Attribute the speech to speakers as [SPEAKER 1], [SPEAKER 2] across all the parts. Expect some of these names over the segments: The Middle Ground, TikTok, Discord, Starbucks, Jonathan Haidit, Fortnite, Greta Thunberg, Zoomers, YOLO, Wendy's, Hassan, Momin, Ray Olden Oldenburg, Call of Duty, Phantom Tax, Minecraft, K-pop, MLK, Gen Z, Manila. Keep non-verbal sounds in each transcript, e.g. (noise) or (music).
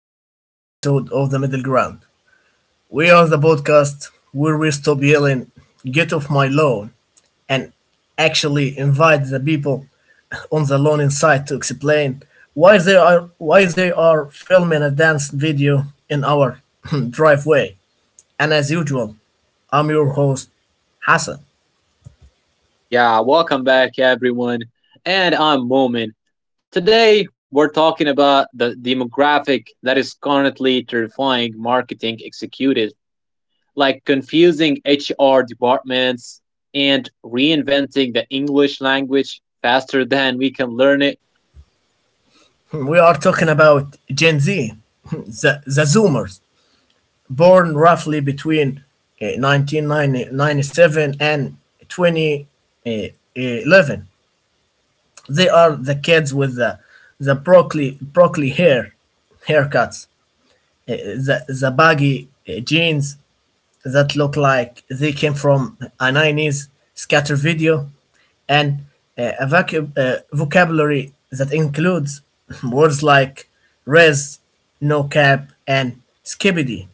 [SPEAKER 1] to another episode of The Middle Ground. We are the podcast where we stop yelling, get off my lawn, and actually invite the people on the lawn inside to explain why they are filming a dance video in our (laughs) (clears throat) driveway. And as usual, I'm your host, Hassan.
[SPEAKER 2] Yeah, welcome back, everyone. And I'm Momin. Today, we're talking about the demographic that is currently terrifying marketing executives, like confusing HR departments and reinventing the English language faster (laughs) than we can learn it.
[SPEAKER 1] We are talking about Gen Z, (laughs) the Zoomers, born roughly between 1997 and 2011. They are the kids with the broccoli haircuts, the baggy jeans that look like they came from a 90s scatter video, and a vocabulary that includes (laughs) words like res, no cap, and skibidi.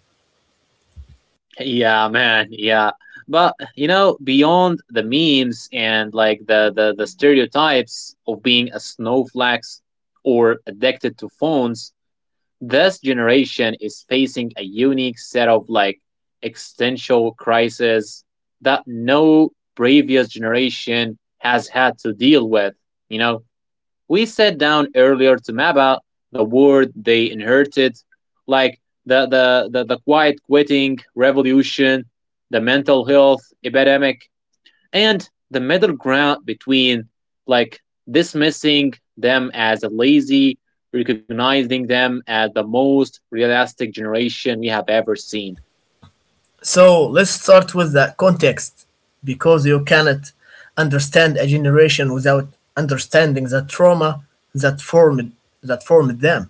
[SPEAKER 2] Yeah, man, yeah. But, you know, beyond the memes and like the stereotypes of being a snowflakes or addicted to phones, this generation is facing a unique set of like existential crises that no previous generation has had to deal with. You know, we sat down earlier to map out the word they inherited, like the quiet quitting revolution, the mental health epidemic, and the middle ground between like dismissing them as a lazy recognizing them as the most realistic generation we have ever seen.
[SPEAKER 1] So let's start with the context because you cannot understand a generation without understanding the trauma that formed that formed them.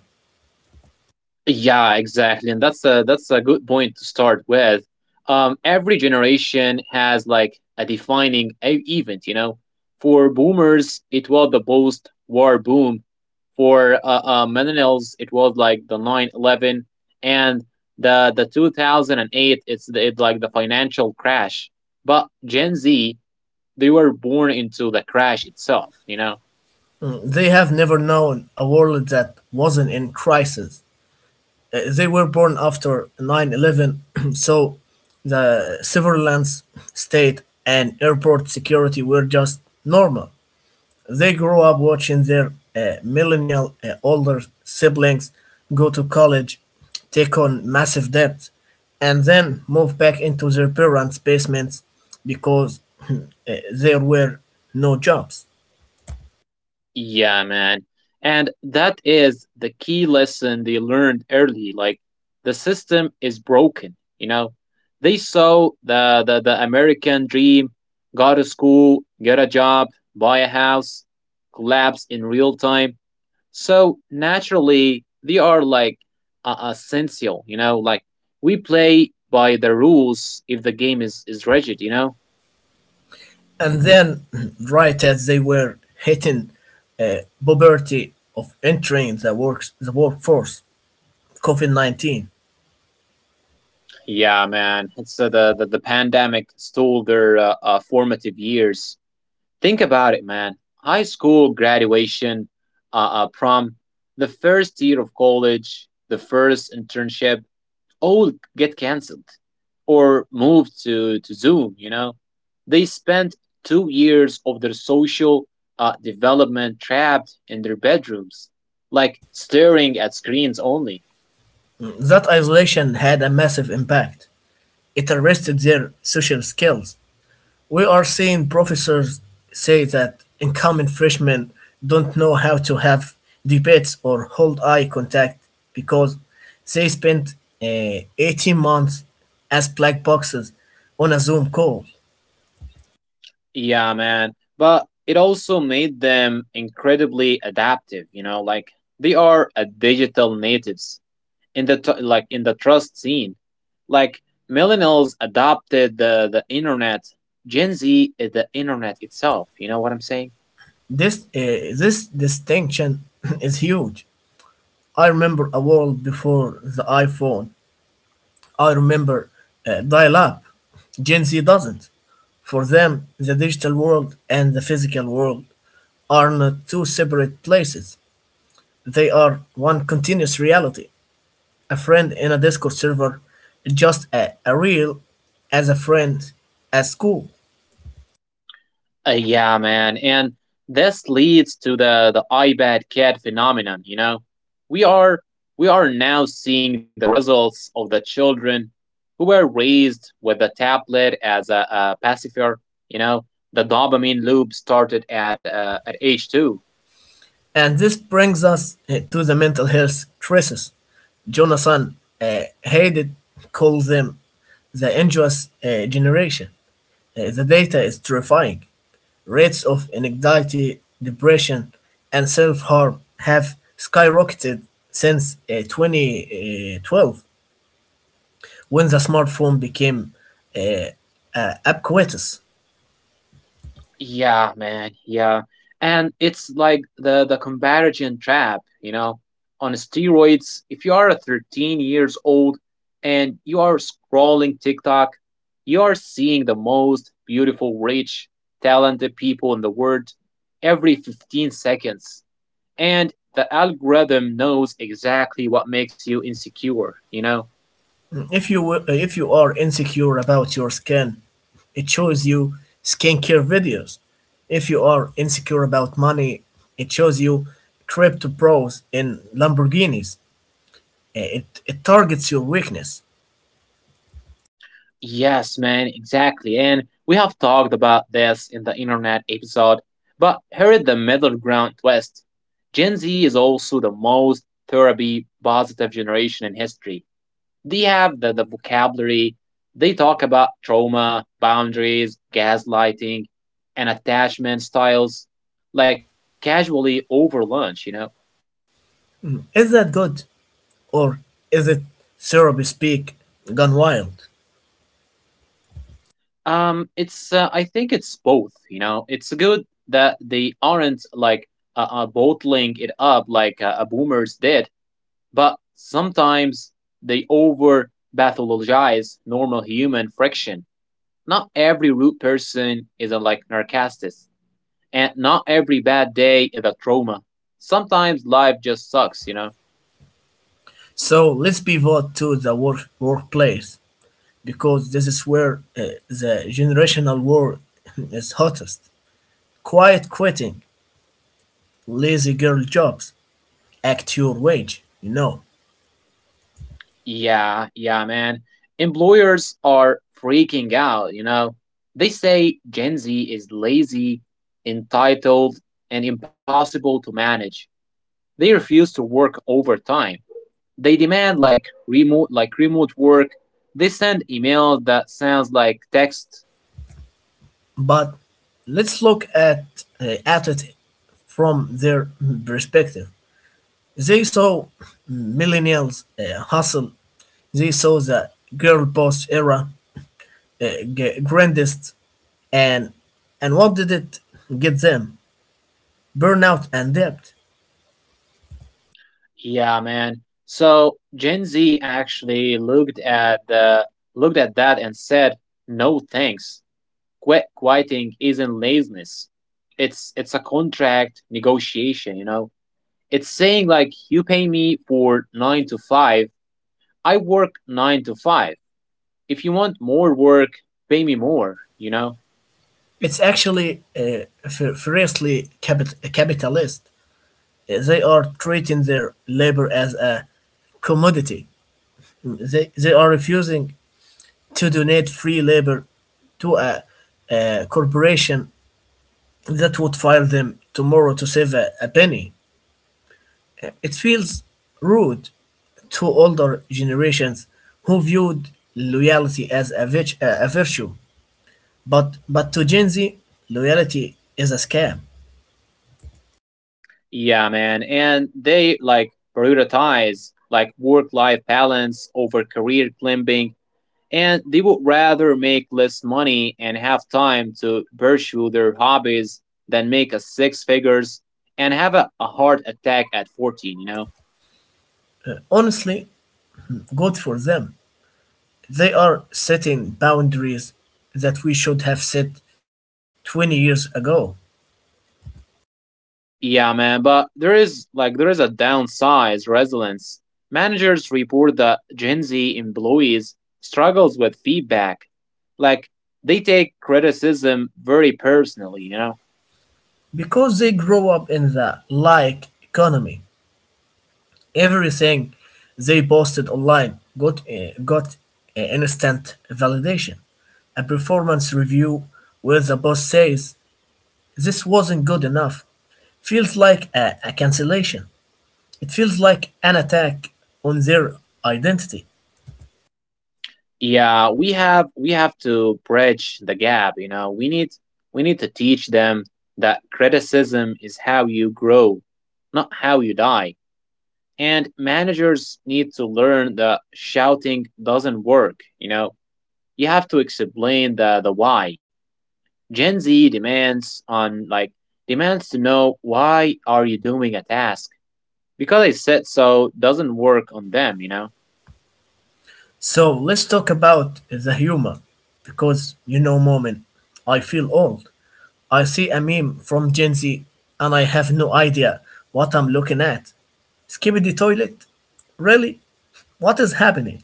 [SPEAKER 2] Yeah, exactly, and that's a good point to start with. Every generation has like a defining event, you know. For boomers, it was the post-war boom. For millennials, it was like the 9/11, and the 2008. It's the, it like the financial crash. But Gen Z, they were born into the crash itself, you know.
[SPEAKER 1] Mm, they have never known a world that wasn't in crisis. They were born after 9/11, (clears throat) so the surveillance state and airport security were just normal. They grow up watching their millennial older siblings go to college, take on massive debt, and then move back into their parents' basements because (clears throat) uh, there were no jobs.
[SPEAKER 2] Yeah, man. And that is the key lesson they learned early. Like the system is broken, you know. They saw the American dream, go to school, get a job, buy a house, collapse in real time. So naturally, they are like essential, you know, like we play by the rules if the game is rigid, you know?
[SPEAKER 1] And then, (clears throat) right as they were hitting puberty of entering the workforce, COVID 19,
[SPEAKER 2] Yeah, man. It's the, the pandemic stole their formative years. Think about it, man. High school graduation, prom, the first year of college, the first internship, all get canceled or moved to Zoom. You know, they spent 2 years of their social development trapped in their bedrooms, like staring at screens only.
[SPEAKER 1] that isolation had a massive impact. It arrested their social skills. We are seeing professors say that incoming freshmen don't know how to have debates or hold eye contact because they spent 18 months as black boxes on a Zoom call.
[SPEAKER 2] Yeah, man. But it also made them incredibly adaptive, you know, like they are a digital natives in the like in the trust scene. Like millennials adopted the internet, Gen Z is the internet itself, you know what I'm saying?
[SPEAKER 1] This distinction (laughs) is huge. I remember a world before the iPhone. I remember dial up. Gen Z doesn't. For them, the digital world and the physical world are not two separate places. They are one continuous reality. A friend in a Discord server is just a real as a friend at school.
[SPEAKER 2] Yeah, man, and this leads to the iPad cat phenomenon. You know, we are we are now seeing the results of the children who were raised with the tablet as a pacifier. You know, the dopamine loop started at age two.
[SPEAKER 1] And this brings us to the mental health crisis. Jonathan Haidit calls them the anxious generation. The data is terrifying. Rates of anxiety, depression, and self harm have skyrocketed since 2012, when the smartphone became uh, ubiquitous.
[SPEAKER 2] Yeah, man. Yeah. And it's like the comparison trap, you know. On steroids, if you are 13 years old and you are scrolling TikTok, you are seeing the most beautiful, rich, talented people in the world every 15 seconds. And the algorithm knows exactly what makes you insecure, you know.
[SPEAKER 1] If you are insecure about your skin, it shows you skincare videos. If you are insecure about money, it shows you crypto bros in Lamborghinis. It targets your weakness.
[SPEAKER 2] Yes, man, exactly. And we have talked about this in the internet episode, but here is the middle ground twist. Gen Z is also the most therapy positive generation in history. They have the vocabulary, they talk about trauma, boundaries, gaslighting, and attachment styles, like casually over lunch, you know?
[SPEAKER 1] Mm. Is that good or is it therapy speak gone wild?
[SPEAKER 2] It's I think it's both. You know, it's good that they aren't like bottling it up like a boomers did, but sometimes they over pathologize normal human friction. Not every rude person is a like narcissist, and not every bad day is a trauma. Sometimes life just sucks, you know.
[SPEAKER 1] So let's pivot to the workplace, because this is where the generational war (laughs) is hottest. Quiet quitting, lazy girl jobs, act your wage, you know.
[SPEAKER 2] Yeah, yeah, man. Employers are freaking out, you know. They say Gen Z is lazy, entitled, and impossible to manage. They refuse to work overtime. They demand like remote work. They send emails that sounds like text.
[SPEAKER 1] But let's look at it from their perspective. They saw millennials hustle. They saw the girl boss era uh, grandest, and and what did it get them? Burnout and debt.
[SPEAKER 2] Yeah, man. So Gen Z actually looked at that and said, "No thanks." Quit quieting isn't laziness. It's a contract negotiation, you know. It's saying like you pay me for 9 to 5, I work 9 to 5. If you want more work, pay me more, you know.
[SPEAKER 1] It's actually uh, fiercely capitalist. They are treating their labor as a commodity. They are refusing to donate free labor to a corporation that would fire them tomorrow to save a penny. It feels rude to older generations who viewed loyalty as a virtue. But, but to Gen Z, loyalty is a scam.
[SPEAKER 2] Yeah, man. And they like prioritize like work life balance over career climbing, and they would rather make less money and have time to pursue their hobbies than make a six figures and have a heart attack at 14, you know.
[SPEAKER 1] Honestly, good for them. They are setting boundaries that we should have set 20 years ago
[SPEAKER 2] Yeah, man, but there is like there is a downside resilience. Managers report that Gen Z employees struggles with feedback, like they take criticism very personally, you know.
[SPEAKER 1] because they grow up in the like economy. Everything they posted online got instant validation. A performance review where the boss says, "This wasn't good enough," feels like a cancellation. It feels like an attack on their identity.
[SPEAKER 2] Yeah, we have to bridge the gap, you know, we need to teach them that criticism is how you grow, not how you die. And managers need to learn that shouting doesn't work, you know. You have to explain the why. Gen Z demands on like demands to know why are you doing a task, because I said so doesn't work on them, you know.
[SPEAKER 1] So let's talk about the humor because, you know, moment, I feel old. I see a meme from Gen Z and I have no idea what I'm looking at. Skip toilet? Really? What is happening?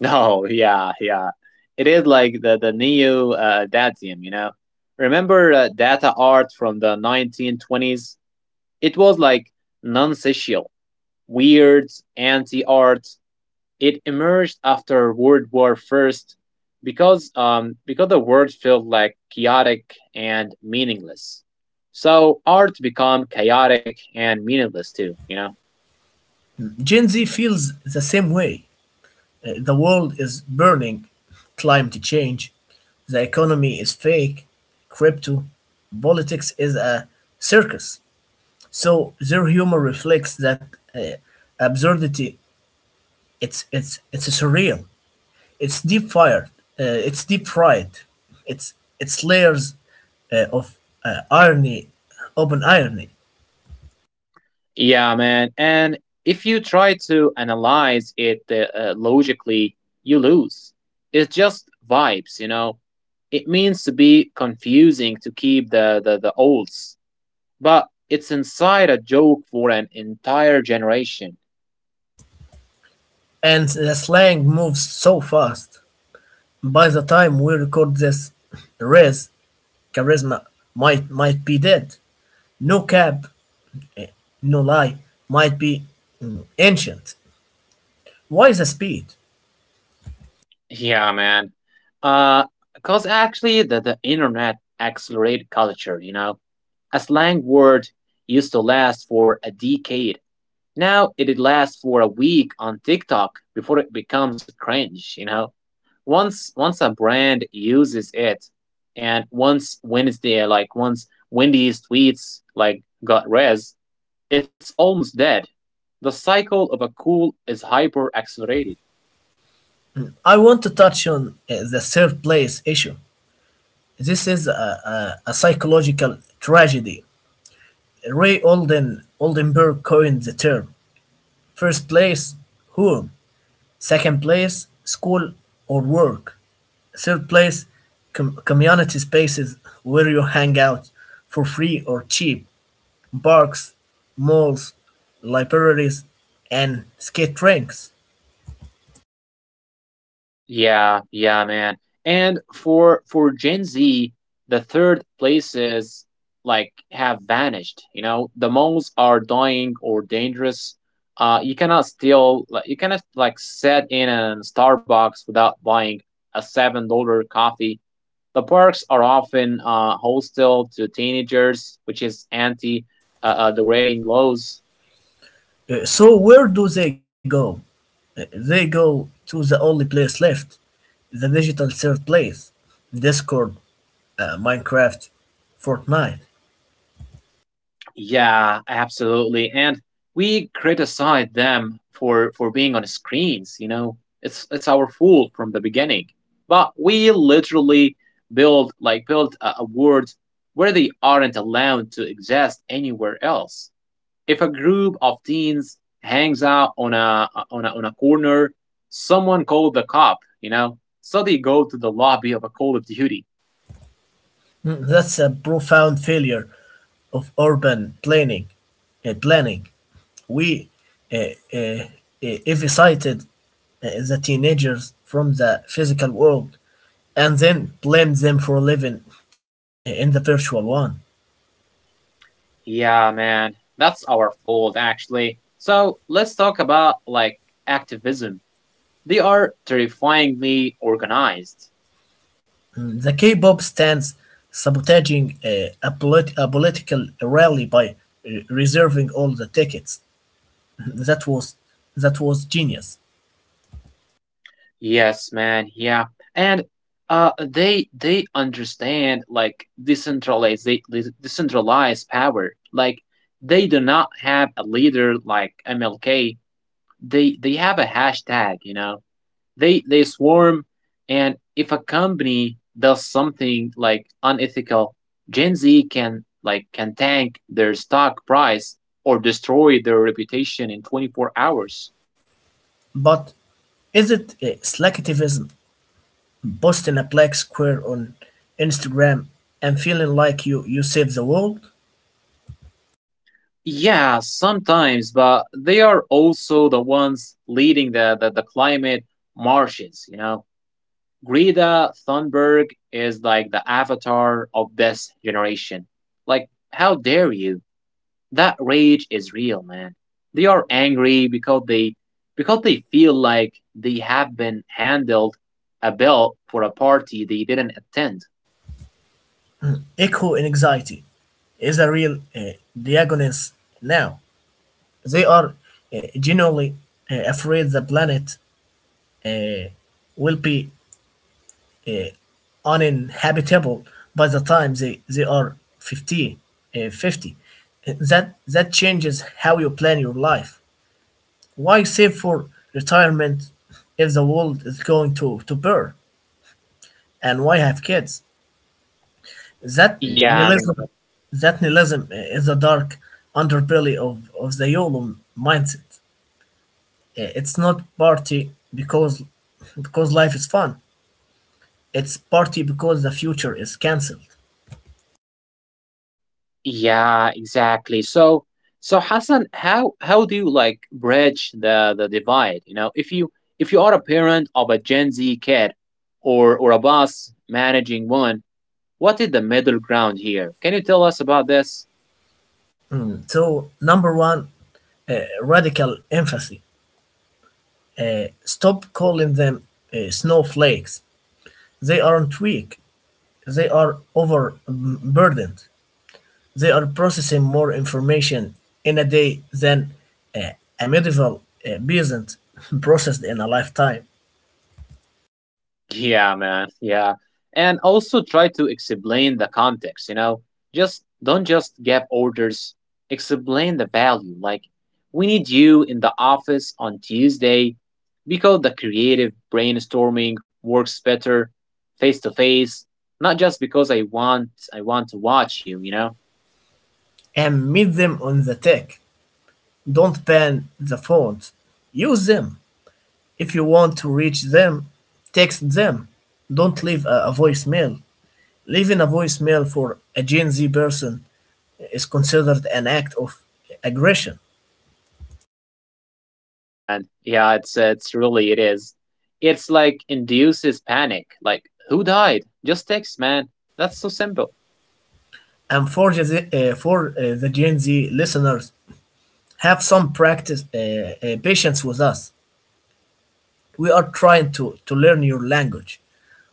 [SPEAKER 2] No, yeah, yeah. It is like the neo Dadaism, you know? Remember data art from the 1920s? It was like non sequial, weird, anti art. It emerged after World War First because the world felt like chaotic and meaningless. So art become chaotic and meaningless too, you know?
[SPEAKER 1] Gen Z feels the same way. The world is burning, climate change, the economy is fake, crypto, politics is a circus. So their humor reflects that uh, absurdity. It's surreal. It's deep fired. It's deep fried. It's it's layers of irony, open irony,
[SPEAKER 2] Yeah, man. And if you try to analyze it logically, you lose. It's just vibes, you know? It means to be confusing to keep the olds, but it's inside a joke for an entire generation.
[SPEAKER 1] and the slang moves so fast. By the time we record this, Rez charisma might be dead. No cap, no lie might be ancient. Why the speed?
[SPEAKER 2] Yeah, man. Uh, because actually, the internet accelerated culture, you know? A slang word used to last for a decade. Now it lasts for a week on TikTok before it becomes cringe, you know? Once a brand uses it, and once Wendy's tweets like got res, it's almost dead. The cycle of a cool is hyper accelerated.
[SPEAKER 1] I want to touch on the third place issue. This is a psychological tragedy. Ray Olden Oldenburg coined the term. First place, home. Second place, school or work. Third place, community spaces where you hang out for free or cheap. Parks, malls, libraries, and skate rinks.
[SPEAKER 2] Yeah, yeah, man. And for Gen Z, the third places like have vanished. You know, the malls are dying or dangerous. You cannot steal. Like, you cannot like sit in a Starbucks without buying a $7 coffee. The parks are often hostile to teenagers, which is anti the rating laws.
[SPEAKER 1] So where do they go? They go to the only place left, the digital third place. Discord, Minecraft, Fortnite.
[SPEAKER 2] Yeah, absolutely. And we criticize them for being on screens, you know. It's our fault from the beginning. But we literally build a world where they aren't allowed to exist anywhere else. If a group of teens hangs out on a corner, someone called the cop, you know. So they go to the lobby of a Call of Duty.
[SPEAKER 1] Mm, that's a profound failure of urban planning. We uh, uh, uh, eviscerated the teenagers from the physical world and then blamed them for living in the virtual one.
[SPEAKER 2] Yeah, man. That's our fault, actually. So let's talk about, like, activism. They are terrifyingly organized.
[SPEAKER 1] Mm, the K-pop stands sabotaging a political rally by reserving all the tickets. (laughs) That was that was genius.
[SPEAKER 2] Yes, man. Yeah. And they understand like decentralized they decentralized power. Like they do not have a leader like MLK. They have a hashtag, you know. They swarm, and if a company does something like unethical, Gen Z can like can tank their stock price or destroy their reputation in 24 hours.
[SPEAKER 1] But is it selectivism posting a black square on Instagram and feeling like you save the world?
[SPEAKER 2] Yeah, sometimes, but they are also the ones leading the the climate marches, you know. Greta Thunberg is like the avatar of this generation, like how dare you. That rage is real, man. They are angry because they feel like they have been handled a bill for a party they didn't attend.
[SPEAKER 1] Echo anxiety is a real diagnosis now. They are genuinely afraid the planet uh, will be uh, uninhabitable by the time they are 50. 50. That changes how you plan your life. Why save for retirement if the world is going to burn? And why have kids? That
[SPEAKER 2] Yeah, I mean,
[SPEAKER 1] nihilism, that nihilism is the dark underbelly of the YOLO mindset. It's not party because life is fun. It's party because the future is cancelled.
[SPEAKER 2] yeah, exactly. So, so Hassan, how do you like bridge the divide? You know, if you are a parent of a Gen Z kid, or a boss managing one, what is the middle ground here? Can you tell us about this?
[SPEAKER 1] Mm, so number one, radical empathy. Stop calling them snowflakes. They aren't weak. They are overburdened. They are processing more information in a day than uh, a medieval peasant (laughs) processed in a lifetime.
[SPEAKER 2] Yeah, man. Yeah. And also try to explain the context, you know? Just don't just give orders, explain the value. Like, we need you in the office on Tuesday because the creative brainstorming works better face to face, not just because I want to watch you, you know?
[SPEAKER 1] And meet them on the tech. Don't ban the phones. Use them. If you want to reach them, text them. Don't leave a voicemail. Leaving a voicemail for a Gen Z person is considered an act of aggression.
[SPEAKER 2] Oh yeah, man. Yeah, it's really it is. It's like induces panic. Like, who died? Just text, man. That's so simple.
[SPEAKER 1] And for the Gen Z listeners, have some practice patience with us. We are trying to learn your language.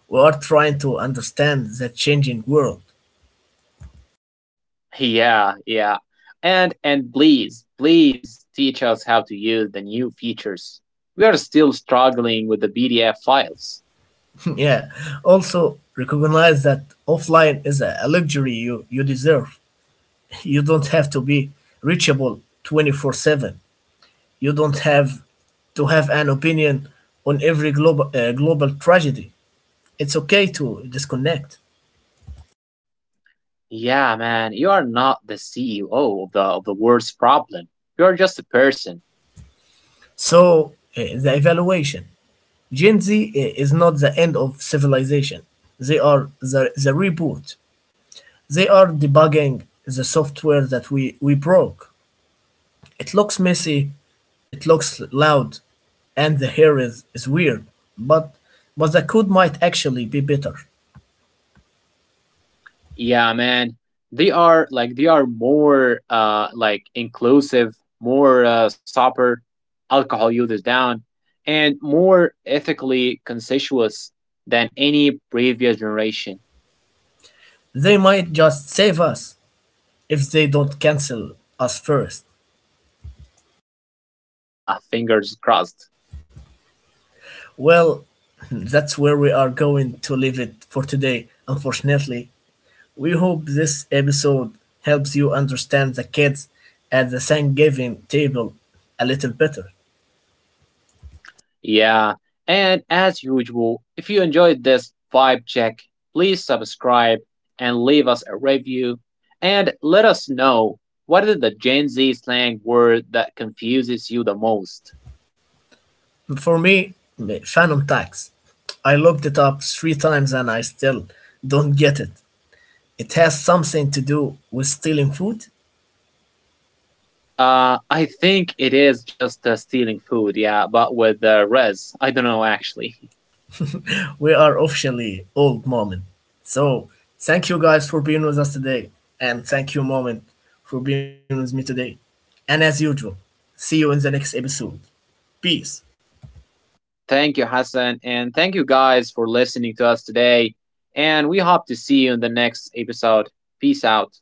[SPEAKER 1] We are trying to understand the changing world.
[SPEAKER 2] Yeah, yeah. And please, please teach us how to use the new features. We are still struggling with the PDF files.
[SPEAKER 1] (laughs) Yeah. Also, recognize that offline is a luxury you deserve. (laughs) You don't have to be reachable 24/7. You don't have to have an opinion on every global tragedy. It's okay to disconnect.
[SPEAKER 2] Yeah, man, you are not the CEO of the world's problem. You are just a person.
[SPEAKER 1] So, the evaluation, Gen Z is not the end of civilization, they are the reboot. They are debugging the software that we broke. It looks messy, it looks loud, and the hair is weird, but, but the code might actually be better.
[SPEAKER 2] Yeah, man. They are like they are more like inclusive, more sober, alcohol users down, and more ethically conscious than any previous generation.
[SPEAKER 1] They might just save us if they don't cancel us first.
[SPEAKER 2] Oh, yeah, fingers crossed.
[SPEAKER 1] Well, (laughs) that's where we are going to leave it for today, unfortunately. We hope this episode helps you understand the kids at the Thanksgiving table a little better.
[SPEAKER 2] Yeah, and as usual, if you enjoyed this vibe check, please subscribe and leave us a review and let us know what is the Gen Z slang word that confuses you the most.
[SPEAKER 1] For me, Phantom Tax. I looked it up three times and I still don't get it. It has something to do with stealing food.
[SPEAKER 2] I think it is just stealing food, yeah, but with the res. I don't know actually. (laughs)
[SPEAKER 1] We are officially old, moment. So thank you guys for being with us today. And thank you, moment, for being with me today. And as usual, see you in the next episode. Peace.
[SPEAKER 2] Thank you, Hassan, and thank you guys for listening to us today. And we hope to see you in the next episode. Peace out.